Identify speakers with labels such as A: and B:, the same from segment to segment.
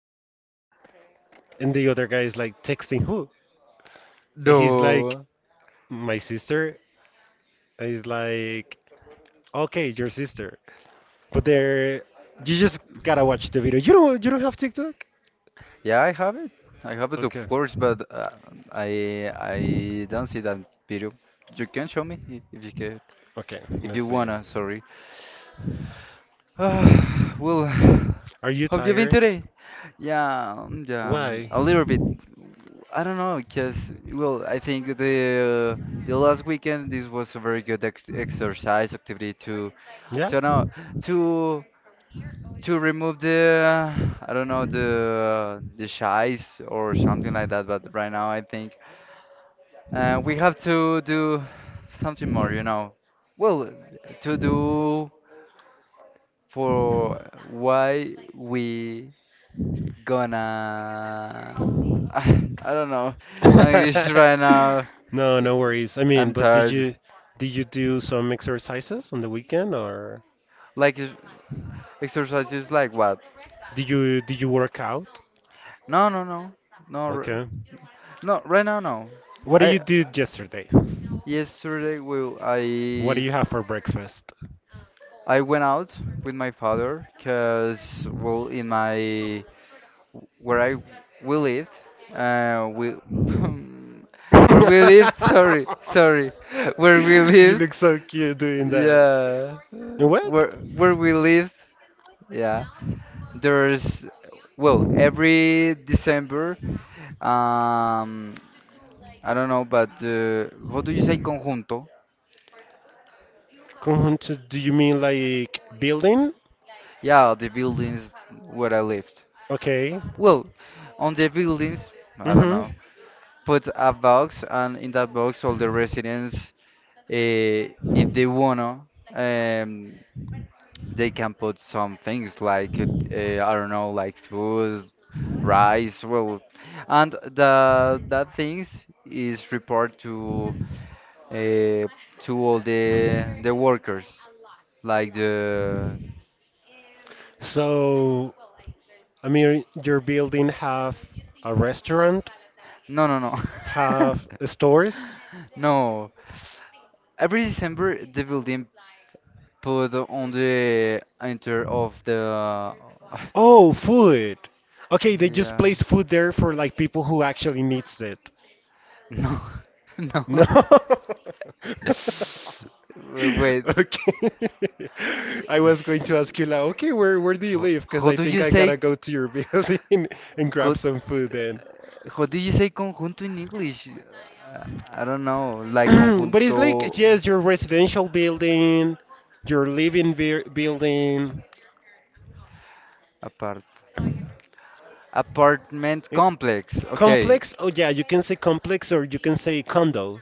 A: texting, and the other guy is like texting who? And he's like,
B: No.
A: "My sister." And he's like, "Okay, your sister." But there, you just gotta watch the video. You don't have TikTok?
B: Yeah, I have it. I have it, of
A: Okay,
B: course, but I don't see that video. You can show me if you can,
A: okay.
B: if
A: Let's
B: you
A: see.
B: wanna. Sorry.
A: Are you
B: How have you been
A: tired?
B: today? Yeah, yeah,
A: Why?
B: a little bit. I don't know, cause well, I think the last weekend this was a very good ex exercise activity
A: Yeah.
B: to know to. to remove the I don't know the shies or something like that. But right now, I think we have to do something more. You know, well, to do for why we gonna. I don't know. My English right now.
A: No,
B: I-
A: no worries. I mean,
B: I'm
A: but did
B: tired.
A: you did you do some exercises on the weekend or?
B: Like is- exercises, like what?
A: Did you work out?
B: No, no, no, no,
A: Okay.
B: no. Right now, no.
A: What did you
B: I
A: do yesterday?
B: yesterday will
A: What do you have for breakfast?
B: I went out with my father because, well, in my where I we lived, we where we lived. Sorry, sorry, where we
A: You
B: lived.
A: look so cute doing that.
B: Yeah,
A: What?
B: where we lived. Yeah, there's well every December. Um, I don't know, but how do you say conjunto?
A: Conjunto, do you mean like building?
B: Yeah, the buildings where I lived.
A: Okay.
B: Well, on the buildings, I don't know.
A: Mm-hmm.
B: Put a box, and in that box, all the residents, if they wanna, um, they can put some things like I don't know, like food, rice, well, and the that things is report uh, to all the workers, like the
A: So, I mean, your building have a restaurant,
B: no no no
A: have stores.
B: no. Every December the building put on the enter of the
A: Oh, food. Okay, they just
B: yeah
A: place food there for like people who actually needs it.
B: no no
A: No.
B: wait
A: Okay. I was going to ask you like, okay, where do you live? Because
B: how
A: I
B: do
A: think
B: you
A: I
B: say
A: gotta go to your building and
B: co
A: grab some food then.
B: how do you say conjunto in English? I don't know like
A: But it's
B: conjunto
A: like, yes, your residential building, your living building,
B: apart apartment
A: eh,
B: complex okay
A: complex. Oh yeah, you can say complex or you can say condo.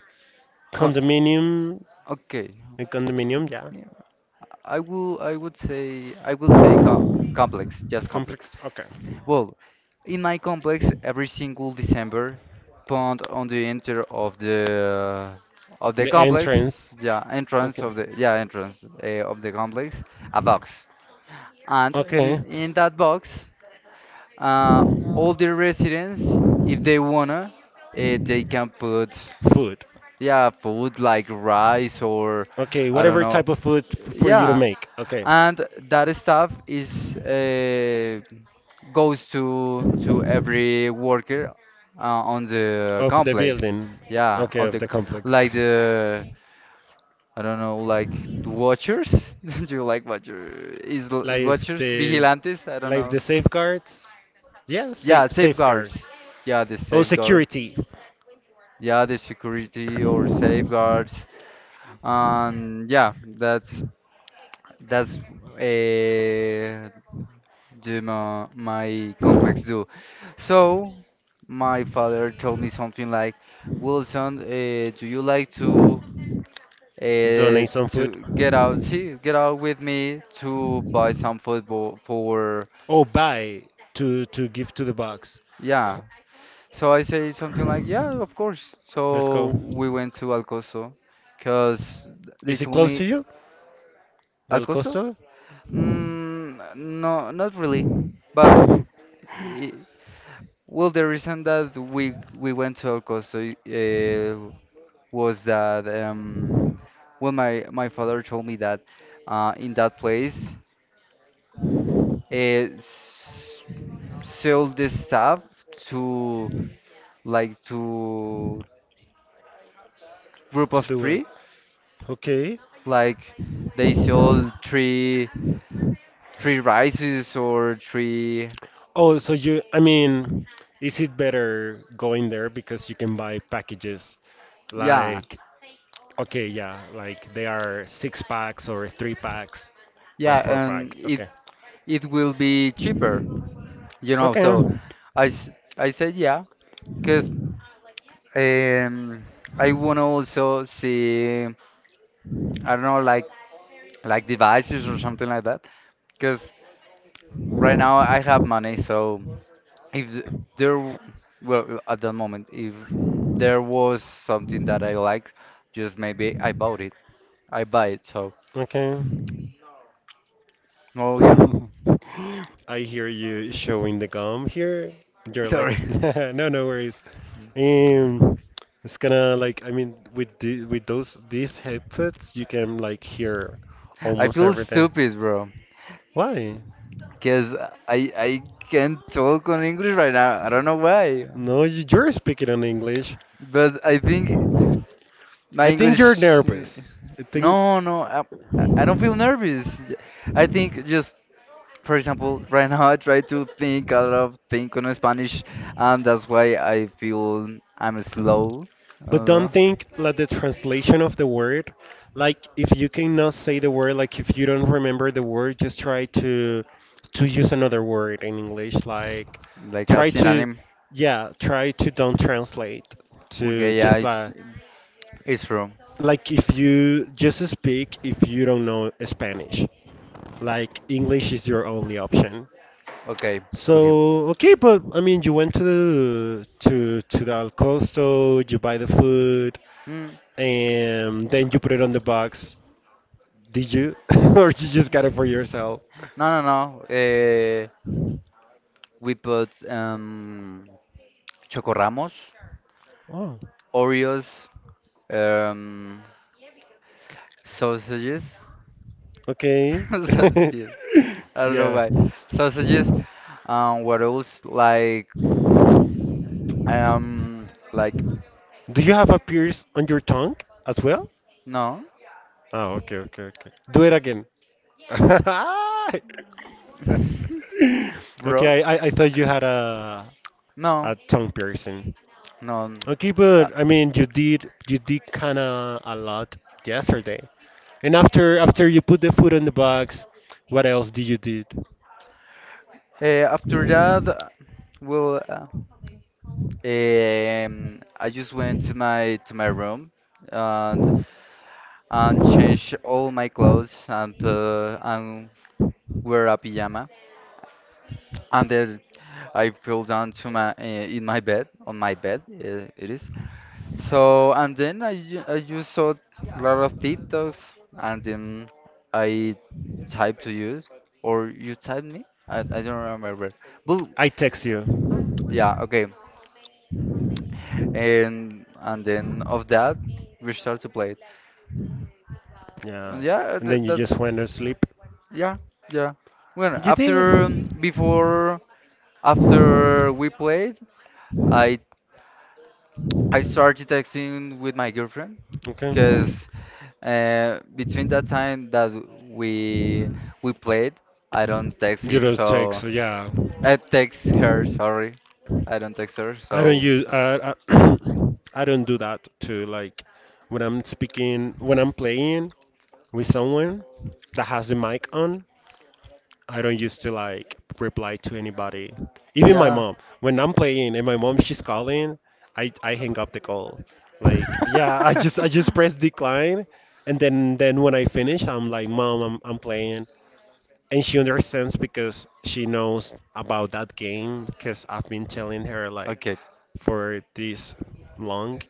B: Con
A: Condominium.
B: okay
A: A condominium, yeah.
B: yeah, I would say I will say co complex just complex.
A: Complex. Okay.
B: Well, in my complex, every single December, pond on the enter of the
A: The
B: complex,
A: entrance.
B: yeah, entrance
A: Okay.
B: of the yeah entrance of the complex, a box, and in
A: Okay.
B: in that box, uh, all the residents, if they wanna, they can put
A: Food.
B: yeah food like rice or
A: Okay.
B: I don't
A: Whatever
B: know,
A: type of food f- for you to
B: yeah,
A: make. Okay.
B: and that stuff is goes to every worker on the
A: Of the
B: complex.
A: building.
B: Yeah,
A: Okay.
B: of
A: Of
B: the
A: the complex.
B: like the I don't know like the watchers. Do you like watcher is
A: Like
B: watchers
A: the
B: vigilantes? I don't
A: like
B: know.
A: the safeguards. Yeah. Safe
B: Yeah,
A: safeguards.
B: safeguards. Yeah, the
A: Oh,
B: safeguard.
A: security.
B: Yeah, the security or safeguards. Yeah, that's uh, do my complex do. So my father told me something like, Wilson, do you like uh,
A: Donate some food.
B: to get out, see, get out with me to buy some football for
A: Oh, buy to give to the box.
B: yeah. So I say something like, yeah, of course.
A: Let's go.
B: So we went to Alcoso, cause they
A: Is it
B: told
A: close to
B: me
A: you? Del
B: Alcoso.
A: Costa?
B: Mm, no, not really, but. i- Well, the reason that we went to El Costo was that well, my father told me that in that place uh, s- sell this stuff to like to group
A: To
B: of
A: do it.
B: three,
A: Okay.
B: like they sold three three rices or three.
A: Oh, so you, I mean, is it better going there because you can buy packages
B: Yeah,
A: like, okay, yeah, like they are six packs or three packs or four
B: yeah, and
A: pack. Okay.
B: it will be cheaper, you know.
A: Okay.
B: So I s- I said yeah, because. Um, I want to also see, I don't know, like devices or something like that. Because right now I have money, so if there, well, at the moment, if there was something that I like, just maybe I bought it. I buy it. So,
A: Okay.
B: well, yeah.
A: I hear you showing the gum here. You're like,
B: Sorry,
A: no, no worries. Um, it's gonna like, I mean, with those these headsets, you can like hear
B: I
A: almost
B: feel
A: everything.
B: stupid, bro.
A: Why?
B: Because I can't talk on English right now. I don't know why,
A: No, y- you're speaking in English.
B: but I think my
A: I think you're
B: English.
A: nervous. I think.
B: No, no, I don't feel nervous. I think just, for example, right now I try to think a lot of think on Spanish, and that's why I feel I'm slow. I
A: But
B: don't
A: don't
B: know,
A: think like the translation of the word. Like if you cannot say the word, like if you don't remember the word, just try to use another word in English. Like
B: like a
A: try to,
B: synonym.
A: yeah, try to don't translate to
B: Okay, yeah,
A: just
B: it's
A: like
B: it's true.
A: like if you just speak if you don't know Spanish. Like English is your only option.
B: Okay, okay.
A: So okay, but I mean, you went to the Al Costo, you buy the food,
B: Mm,
A: and then you put it on the box. Did you, or you just got it for yourself?
B: no, no, no. Eh, we put chocorramos,
A: Oh.
B: Oreos, um, sausages.
A: Okay.
B: Sausages. I don't know
A: Yeah.
B: why. Sausages. What else? Um, like,
A: Do you have a pierce on your tongue as well?
B: no,
A: Oh, okay, okay, okay. Do it again.
B: bro,
A: Okay, I thought you had
B: no,
A: a tongue piercing.
B: no.
A: Okay,
B: Uh,
A: but I mean you did kind of a lot yesterday. And after you put the food in the box, what else did you did?
B: after that, well, I just went to my room and and changed all my clothes and wear a pajama. And then I fell down to my in my bed on my bed. It is. So and then I just saw a lot of TikToks and then I typed to you or you typed me? I don't remember. But
A: I text you.
B: yeah, okay. And then of that we start to play it.
A: Yeah.
B: And yeah,
A: And
B: th
A: then you just
B: that's
A: went to sleep.
B: yeah, yeah. Well,
A: You did.
B: before after we played, I I started texting with my girlfriend
A: Okay.
B: because between that time that we we played, I don't text
A: You
B: him,
A: don't text.
B: so
A: Yeah.
B: I text her. Sorry, I don't text her.
A: I don't
B: So
A: use. I don't do that too. Like when I'm speaking, when I'm playing with someone that has the mic on, I don't used to like reply to anybody. Even my
B: yeah.
A: mom. When I'm playing and my mom she's calling, I hang up the call. Like yeah, I just press decline and then when I finish I'm like mom I'm playing and she understands because she knows about that game because I've been telling her like
B: Okay,
A: for this long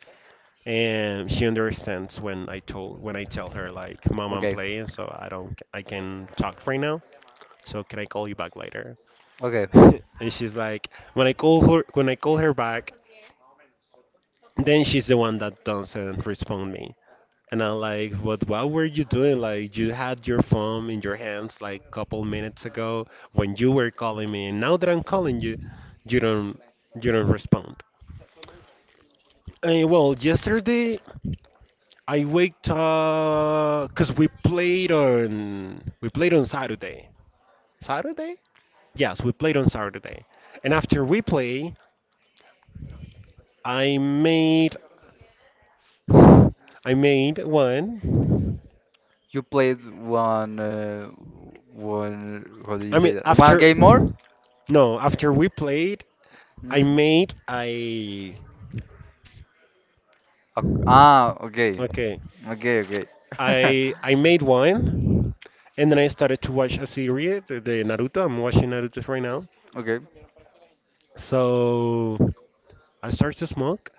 A: and she understands when I told when I tell her like mom I'm
B: okay,
A: playing so I don't I can talk right now. So can I call you back later?
B: okay.
A: And she's like, when I call her, when I call her back, then she's the one that doesn't respond me. And I'm like, what were you doing? Like, you had your phone in your hands like a couple minutes ago when you were calling me, and now that I'm calling you, you don't, you don't respond. And well, yesterday I waked up because we played on Saturday. Saturday? Yes, we played on Saturday. And after we play, I made I made one.
B: You played one one. How do you
A: I mean,
B: say that? One
A: after,
B: game more?
A: no, after we played,
B: Mhm.
A: I,
B: Ah, okay,
A: okay.
B: okay, okay,
A: I made one, and then I started to watch a series, the Naruto. I'm watching Naruto right now.
B: okay,
A: So I started to smoke,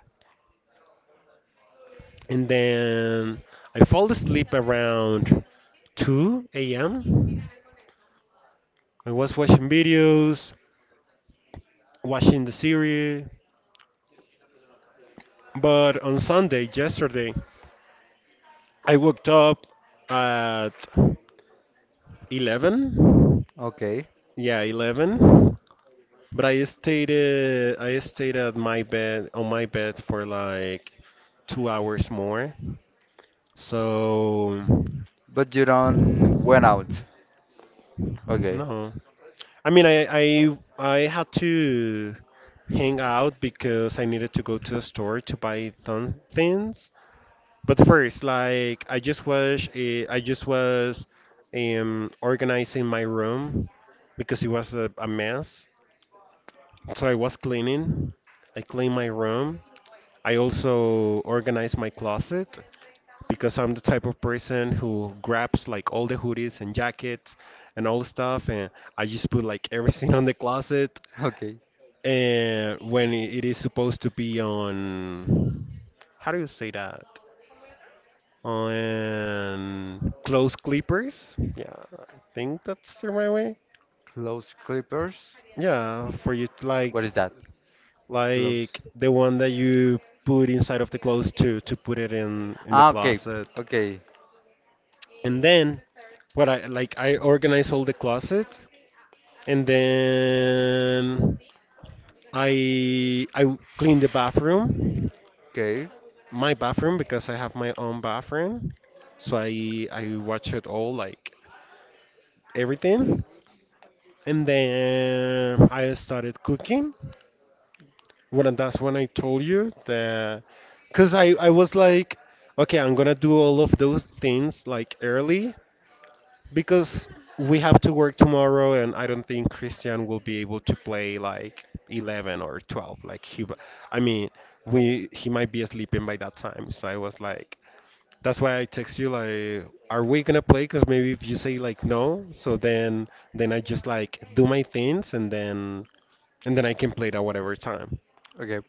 A: and then I fall asleep around 2 a.m. I was watching videos, watching the series, but on Sunday, yesterday, I woke up at 11.
B: okay.
A: Yeah, 11. But I stayed at my bed for like 2 hours more. So
B: But you don't went out. Okay,
A: no. I mean I had to hang out because I needed to go to the store to buy some things. But first, like I just was organizing my room because it was a mess. So I was cleaning. I clean my room. I also organize my closet because I'm the type of person who grabs like all the hoodies and jackets and all stuff and I just put like everything on the closet
B: okay.
A: and when I- it is supposed to be on, how do you say that? On clothes clippers. Yeah, I think that's the right way.
B: Close clippers?
A: Yeah, for you to like
B: What is that?
A: Like
B: Close.
A: the one that you put inside of the clothes to put it in the
B: Ah, okay.
A: closet.
B: Okay.
A: And then what I like I organize all the closet and then I clean the bathroom,
B: Okay.
A: my bathroom because I have my own bathroom. So I watch it all like everything. And then I started cooking. Well, and that's when I told you that, because I was like, okay, I'm gonna do all of those things like early because we have to work tomorrow, and I don't think Christian will be able to play like 11 or 12. Like he, w- I mean, we he might be sleeping by that time. So I was like, that's why I text you like, are we gonna play? Because maybe if you say like no, so then I just like do my things and then I can play it at whatever time.
B: Okay.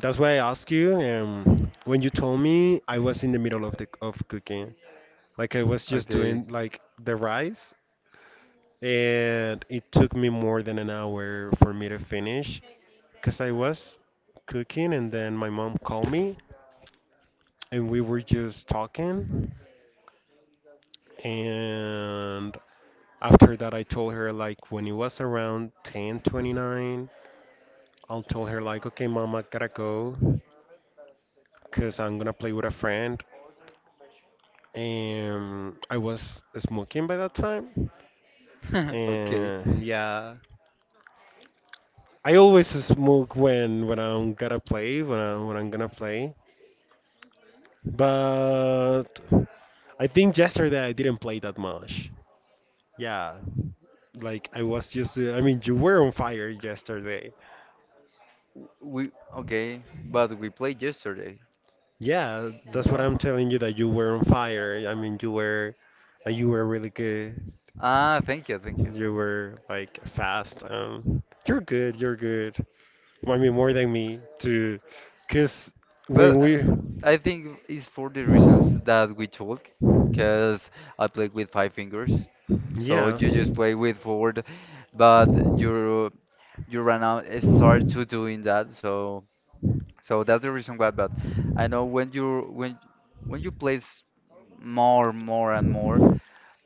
A: That's why I asked you when you told me I was in the middle of the of cooking. Like I was just
B: Okay.
A: doing like the rice, and it took me more than an hour for me to finish because I was cooking, and then my mom called me, and we were just talking, and after that I told her like when it was around 10:29, I'll tell her like, okay, mom, I gotta go because I'm gonna play with a friend. I was smoking by that time,
B: Okay.
A: and yeah, I always smoke when I'm gonna play, when I'm gonna play. But I think yesterday I didn't play that much. Yeah, like I was just. I mean, you were on fire yesterday.
B: We okay, but we played yesterday.
A: Yeah, that's what
B: Yeah.
A: I'm telling you that you were on fire. I mean, you were, like, you were really good.
B: Ah, thank you, thank you.
A: You were like fast. You're good. You're good. I mean, more than me to, cause
B: Well,
A: when we,
B: I think it's for the reasons that we talk, because I play with five fingers, so
A: yeah,
B: you just play with forward, but you you right now start to doing that, so so that's the reason why. But I know when you place more, more and more,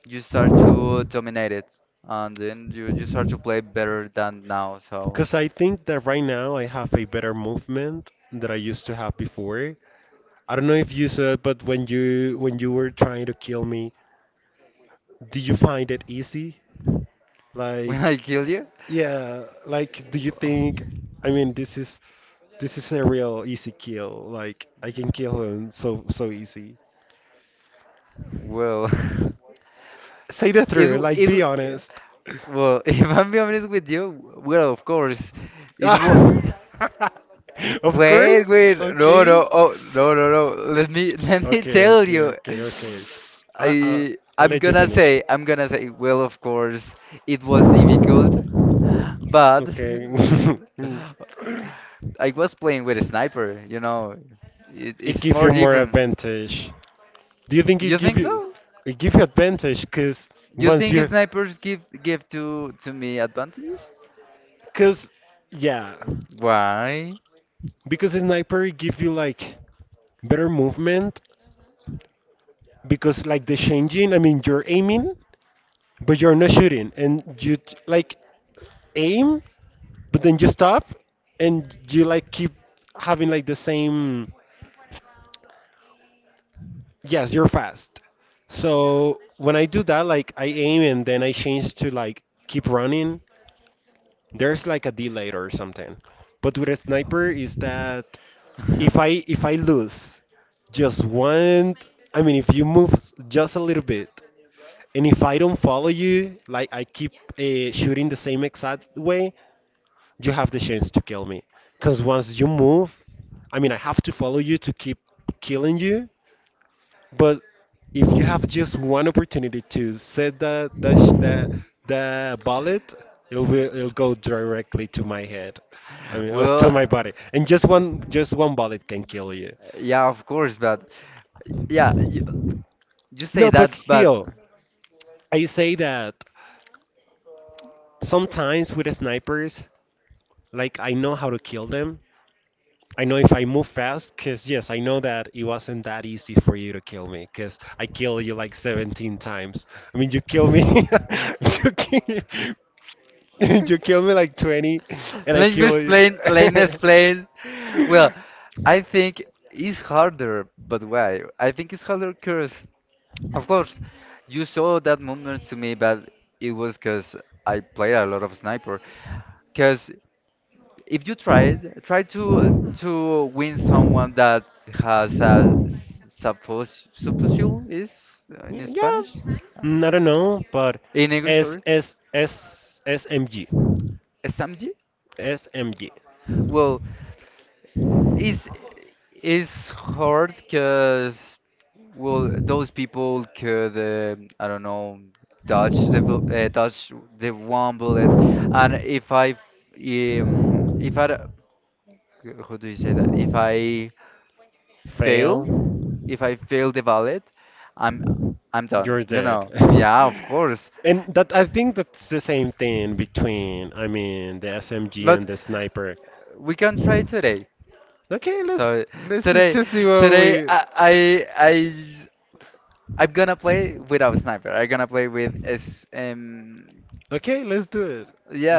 B: you start to dominate it, and then you start to play better than now. So
A: cause I think that right now I have a better movement that I used to have before. I don't know if you saw it, but when you were trying to kill me, did you find it easy?
B: when I
A: Like,
B: kill you,
A: yeah, like, do you think? I mean, this is a real easy kill. Like, I can kill him so so easy.
B: well,
A: Say the
B: it
A: truth.
B: w-
A: Like,
B: it
A: be
B: w-
A: honest.
B: well if I'm being honest with you, well of course it was
A: Ah, of
B: wait,
A: course.
B: wait, no,
A: Okay.
B: no, oh, no, no, no. Let me, let me
A: Okay.
B: tell
A: Okay.
B: you.
A: Okay. Okay. I, I I'll
B: I'm
A: let you
B: gonna
A: finish.
B: say, I'm gonna say. Well, of course, it was difficult, but
A: Okay. Mm.
B: I was playing with a sniper. You know,
A: It
B: it's
A: gives
B: more
A: you more
B: different.
A: advantage. Do you think it
B: You
A: give
B: think
A: you,
B: so?
A: it give you advantage? Cause
B: You
A: once
B: think
A: you,
B: snipers give to me advantages?
A: cause yeah,
B: Why?
A: because the sniper it give you like better movement. Because like the changing, I mean you're aiming, but you're not shooting, and you t- like aim but then you stop and you like keep having like the same, yes you're fast, so when I do that like I aim and then I change to like keep running, there's like a delay or something, but with a sniper is that if I lose just one, I mean if you move just a little bit, and if I don't follow you like I keep shooting the same exact way, you have the chance to kill me. Because once you move, I mean, I have to follow you to keep killing you, but if you have just one opportunity to set the bullet, it'll go directly to my head. I mean, or to my
B: Well,
A: body, and just one bullet can kill you.
B: yeah, of course, but yeah, y you say
A: No, but
B: that, but
A: still, I say that sometimes with the snipers, like I know how to kill them, I know if I move fast, because yes, I know that it wasn't that easy for you to kill me, because I killed you like 17 times. I mean, you kill me, you kill, you kill me like 20, and I
B: let me
A: kill you.
B: explain. Let me explain. Well, I think it's harder, but why? I think it's harder because, of course, you saw that moment to me, but it was because I played a lot of sniper. Because if you try to win someone that has a supposal is in
A: Yeah,
B: Spanish, Uh,
A: I don't know, but
B: in English,
A: S
B: sorry,
A: S S S M G
B: SMG.
A: S M G
B: Well, It's it's hard because well those people could I don't know dodge the one bullet and if I how do you say that fail
A: Fail.
B: if I fail the bullet I'm I'm done
A: You're
B: you
A: dead.
B: know yeah of course
A: And that I think that's the same thing between, I mean, the SMG
B: but
A: and the sniper.
B: we can try today
A: Okay, let's
B: so
A: let's see,
B: today
A: just see what
B: today
A: we.
B: I I'm gonna play without sniper. I'm gonna play with S
A: Okay, let's do it.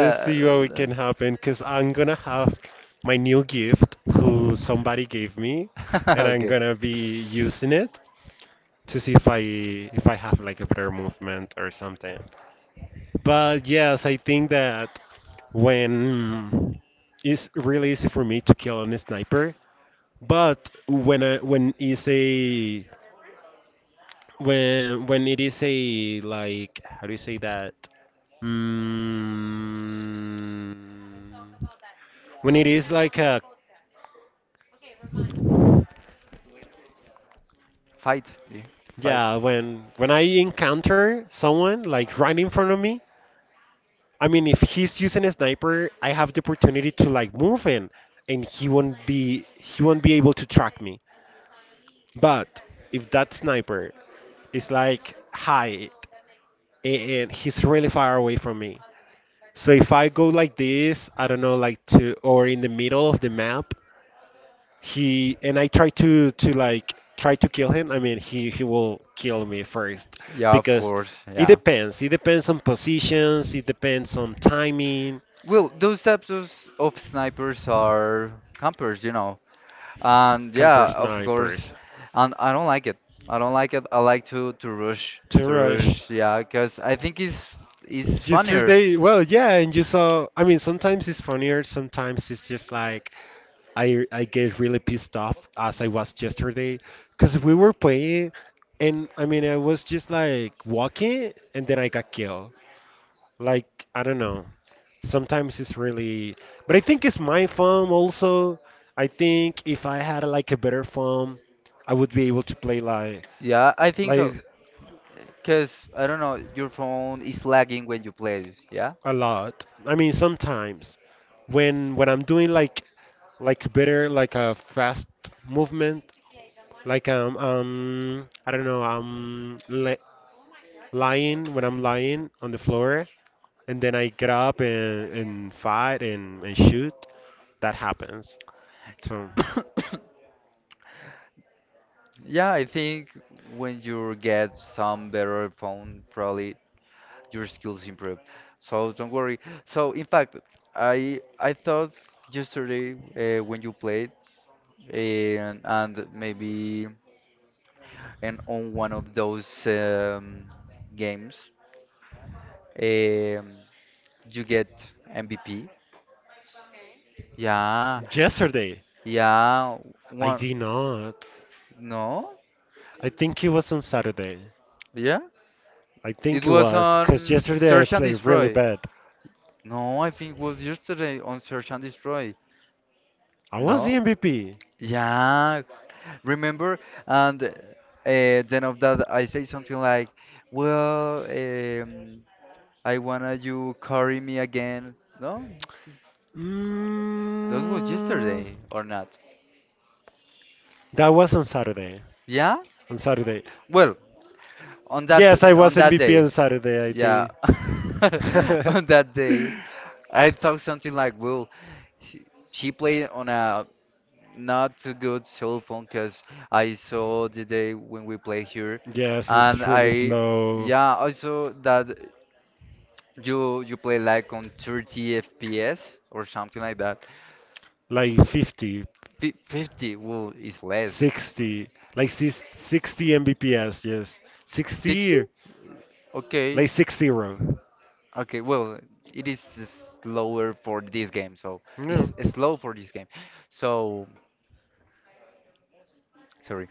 A: Let's see what we can happen, cause I'm gonna have my new gift, who somebody gave me, and I'm
B: Okay.
A: gonna be using it to see if I have like a better movement or something. But yes, I think that when mm, it's really easy for me to kill on a sniper, but when it is a, like, how do you say that? Mm, when it is like a,
B: Fight. Yeah. Fight.
A: yeah, when I encounter someone like right in front of me. I mean, if he's using a sniper, I have the opportunity to like move in, and he won't be able to track me. But if that sniper is like high and he's really far away from me, so if I go like this, I don't know, like to or in the middle of the map, he and I try to like try to kill him. I mean, he will kill me first
B: Yeah, of
A: because
B: course.
A: it
B: Yeah.
A: depends. It depends on positions. It depends on timing.
B: Well, those types of snipers are campers, you know. And
A: Camper
B: yeah, of course.
A: snipers.
B: And I don't like it. I don't like it. I like to rush,
A: To
B: to
A: rush.
B: rush. Yeah, because I think it's funnier.
A: Yesterday, well, yeah, and you saw. I mean, sometimes it's funnier. Sometimes it's just like I get really pissed off as I was yesterday, because we were playing, and I mean, I was just like walking, and then I got killed. Like I don't know. Sometimes it's really, but I think it's my phone also. I think if I had like a better phone, I would be able to play like
B: Yeah, I think
A: like.
B: so. Because, I don't know, your phone is lagging when you play, yeah?
A: A lot. I mean, sometimes when I'm doing like better, like a fast movement, like I don't know, I'm lying on the floor, and then I get up and fight and shoot. That happens. So
B: Yeah, I think when you get some better phone, probably your skills improve. So don't worry. So in fact, I thought yesterday when you played and maybe and on one of those games, um, you get MVP. Yeah,
A: yesterday
B: yeah,
A: I
B: one
A: did not.
B: no,
A: I think it was on Saturday.
B: yeah.
A: I
B: It
A: think it
B: was
A: was because
B: on
A: yesterday I
B: Search and
A: played really
B: Destroy.
A: bad.
B: No, I think it was yesterday on Search and Destroy.
A: I was the
B: No?
A: MVP.
B: Yeah, remember? And then of that, I say something like, "Well, I wanna you carry me again." No, that was
A: Mm,
B: yesterday or not?
A: that was on Saturday.
B: Yeah.
A: On Saturday.
B: Well, on
A: Yes, I
B: that on
A: was
B: that
A: MVP
B: day,
A: on Saturday, I
B: yeah,
A: think.
B: on that day, I thought something like, "Well, she, she played on a not too good cell phone because I saw the day when we play here,
A: Yes,
B: and
A: it's really
B: I
A: slow.
B: yeah I saw that you play like on 30 FPS or something like that.
A: Like 50,
B: Fif 50 well is less.
A: 60, like 60 Mbps, yes.
B: 60?
A: 60,
B: Okay,
A: like 60.
B: okay. Well, it is slower for this game, so
A: No.
B: it's slow for this game. So sorry.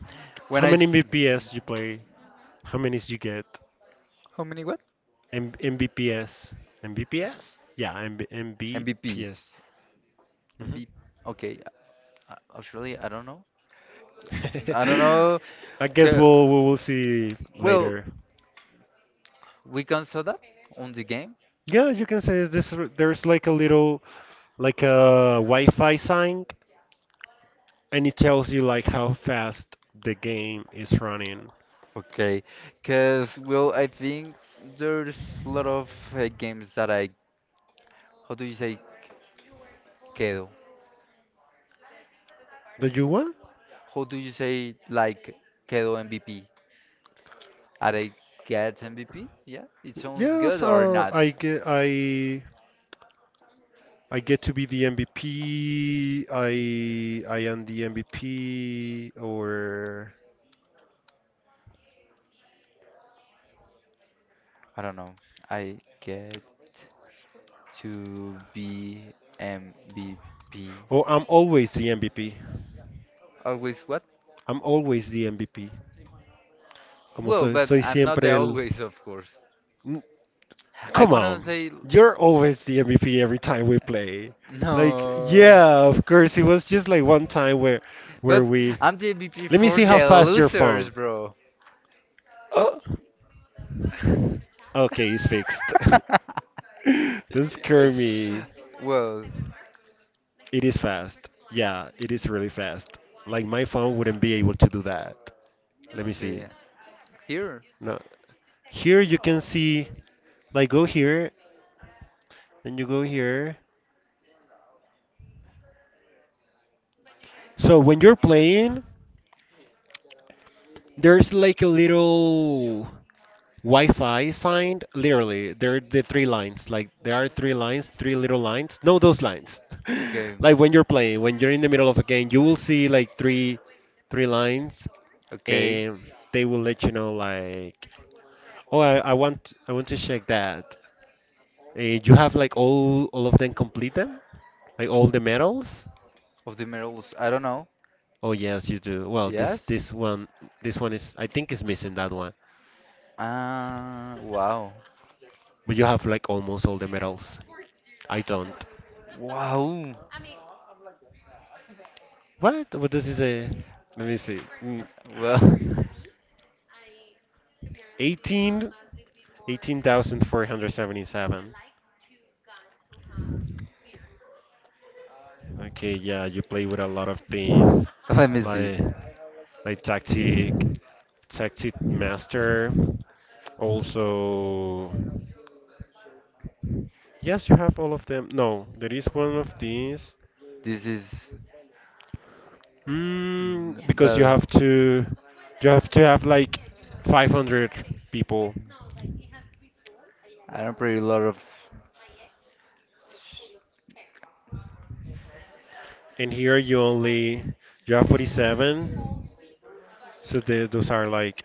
B: When
A: How
B: I
A: many
B: s-
A: MBPS you play? How many you get?
B: how many what?
A: MBPS. MBPS? Yeah, M MBPS.
B: MVPs?
A: Hmm.
B: MVP. Okay, actually I don't know. I don't know.
A: I guess we'll
B: Ca-
A: we will see
B: Well,
A: later.
B: we can saw that on the game.
A: Yeah, you can say this. There's like a little, like a Wi-Fi sign, and it tells you like how fast the game is running.
B: Okay, because well, I think there's a lot of games that I how do you say quedo?
A: Did you what?
B: How do you say like quedo MVP? Are I get MVP? Yeah, it sounds
A: Yes,
B: good or not?
A: I get to be the MVP. I am the MVP, or
B: I don't know. I get to be MVP.
A: or oh, I'm always the MVP.
B: Always what?
A: I'm always the MVP. Como
B: Well,
A: soy
B: but
A: soy
B: I'm not the
A: siempre el.
B: always, of course.
A: N-
B: I
A: Come
B: wanna
A: on.
B: say
A: You're always the MVP every time we play. Like,
B: no.
A: yeah, of course. It was just like one time where
B: But
A: we.
B: I'm the MVP
A: Let me
B: for
A: see how
B: the
A: fast your
B: losers,
A: phone.
B: bro. Oh.
A: Okay, it's fixed. Don't scare me.
B: Well,
A: It is fast. Yeah, it is really fast. Like my phone wouldn't be able to do that. Let me see.
B: okay. Here?
A: No. Here you can see, like go here, then you go here. So when you're playing, there's like a little Wi-Fi sign. Literally, there are the three lines. Like there are three lines, three little lines. No, those lines.
B: Okay.
A: Like when you're playing, when you're in the middle of a game, you will see like three lines,
B: Okay.
A: and they will let you know like. Oh, I want to check that. You have like all of them, complete them? Like all the medals?
B: Of the medals, I don't know.
A: Oh yes, you do. Well, this
B: Yes?
A: this one this one is, I think, is missing that one.
B: Ah, wow.
A: But you have like almost all the medals. I don't.
B: Wow.
A: What? What does it say? Let me see.
B: Well,
A: 18 18,477. Okay, yeah, you play with a lot of things,
B: let me see.
A: like like tactic master. Also, yes, you have all of them. No, there is one of these.
B: This is
A: Because you
B: the.
A: have to, you have to have like 500 people,
B: I don't play a lot of.
A: and here you have 47. So those are like,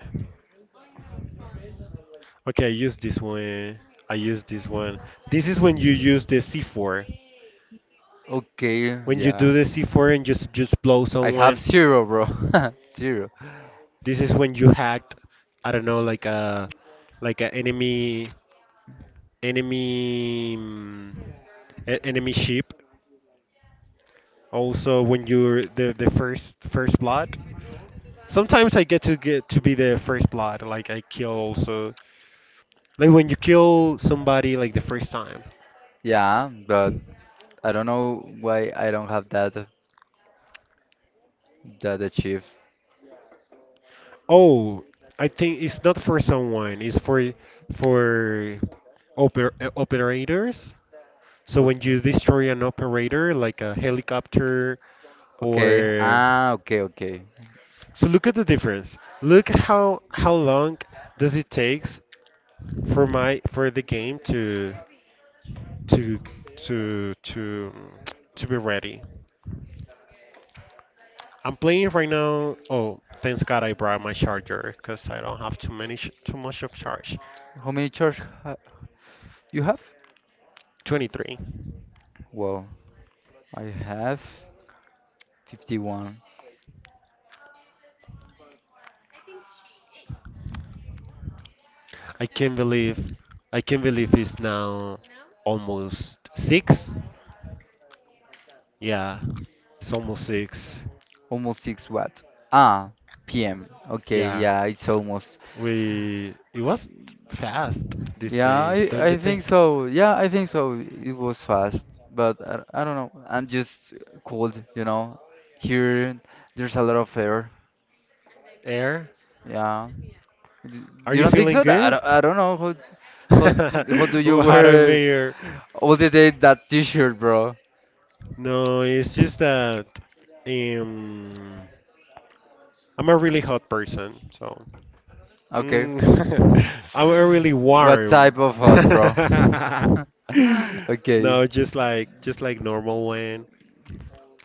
A: okay, I use this one. I use this one. This is when you use the C4.
B: Okay,
A: When you
B: yeah.
A: do the C4 and just blow
B: I have
A: someone,
B: zero, bro. Zero.
A: this is when you hacked. I don't know, like a enemy mm, enemy ship. Also, when you're the first blood. Sometimes I get to be the first blood. Like I kill also, like when you kill somebody like the first time.
B: Yeah, but I don't know why I don't have that achieve.
A: Oh, I think it's not for someone. It's for operators. So when
B: Okay.
A: you destroy an operator, like a helicopter,
B: Okay.
A: or.
B: Ah, okay, okay.
A: So look at the difference. Look how long does it takes for the game to to to to be ready. I'm playing right now. Oh, thanks God I brought my charger because I don't have too many sh too much of charge.
B: How many charge ha you have?
A: 23.
B: Well, I have 51,
A: I can't believe I can't believe it's now almost 6. Yeah, it's almost 6.
B: almost 6 watt. Ah, PM. Okay,
A: Yeah,
B: yeah, it's almost.
A: we it was fast this
B: Yeah,
A: day, don't you
B: I think
A: think?
B: so. Yeah, I think so. It was fast, but I don't know. I'm just cold, you know. Here, there's a lot of air.
A: Air,
B: Yeah. D-
A: are
B: You
A: you
B: don't think
A: feeling
B: so?
A: good?
B: I don't know. How, how do
A: Oh,
B: you
A: hotter
B: wear
A: mayor.
B: all the day that t-shirt, bro?
A: No, it's just that um, I'm a really hot person, so.
B: Okay.
A: Mm, I'm really
B: What
A: warm.
B: type of hot, bro? Okay.
A: No, just like normal one.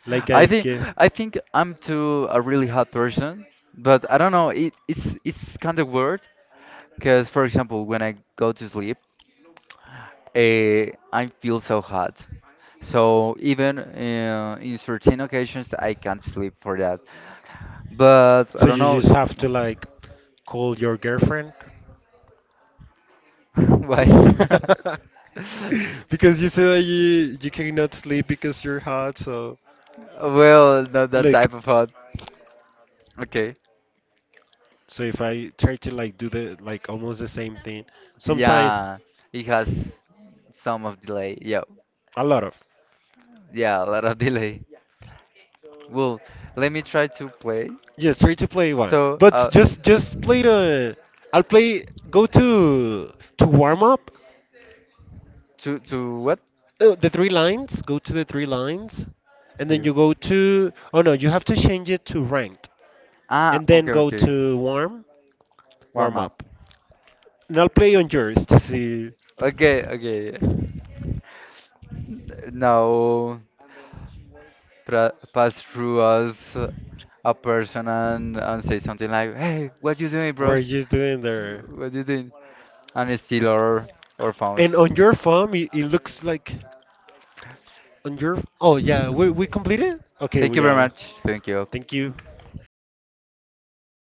A: Like
B: I
A: I
B: think
A: get.
B: I think I'm too a really hot person, but I don't know. it's kind of weird because, for example, when I go to sleep, eh, I feel so hot. So even in certain occasions, I can't sleep for that. But I
A: So
B: don't
A: you
B: know
A: just have to like call your girlfriend.
B: why.
A: Because you say that you cannot sleep because you're hot, so
B: Well, not that
A: look.
B: type of hot. Okay.
A: So if I try to like do the, like, almost the same thing, sometimes
B: Yeah, it has some of delay. Yeah,
A: a lot of.
B: yeah, a lot of delay. Well, let me try to play.
A: Yes, free to play one.
B: So,
A: But just play the. I'll play. Go to warm up.
B: to what?
A: The three lines. Go to the three lines, and then
B: Here.
A: you go to. Oh no, you have to change it to ranked,
B: Ah,
A: and then
B: okay,
A: go
B: okay.
A: to warm
B: Warm
A: warm
B: up.
A: up. And I'll play on yours to see
B: Okay, okay. Now pass through us a person and say something like, "Hey, what you doing,
A: where
B: bros?
A: you're doing there.
B: What you doing?" And steal our
A: And
B: phones.
A: on your farm, it looks like on your. Oh yeah, we completed. Okay,
B: Thank
A: well,
B: you very
A: yeah.
B: much. Thank you.
A: Thank you.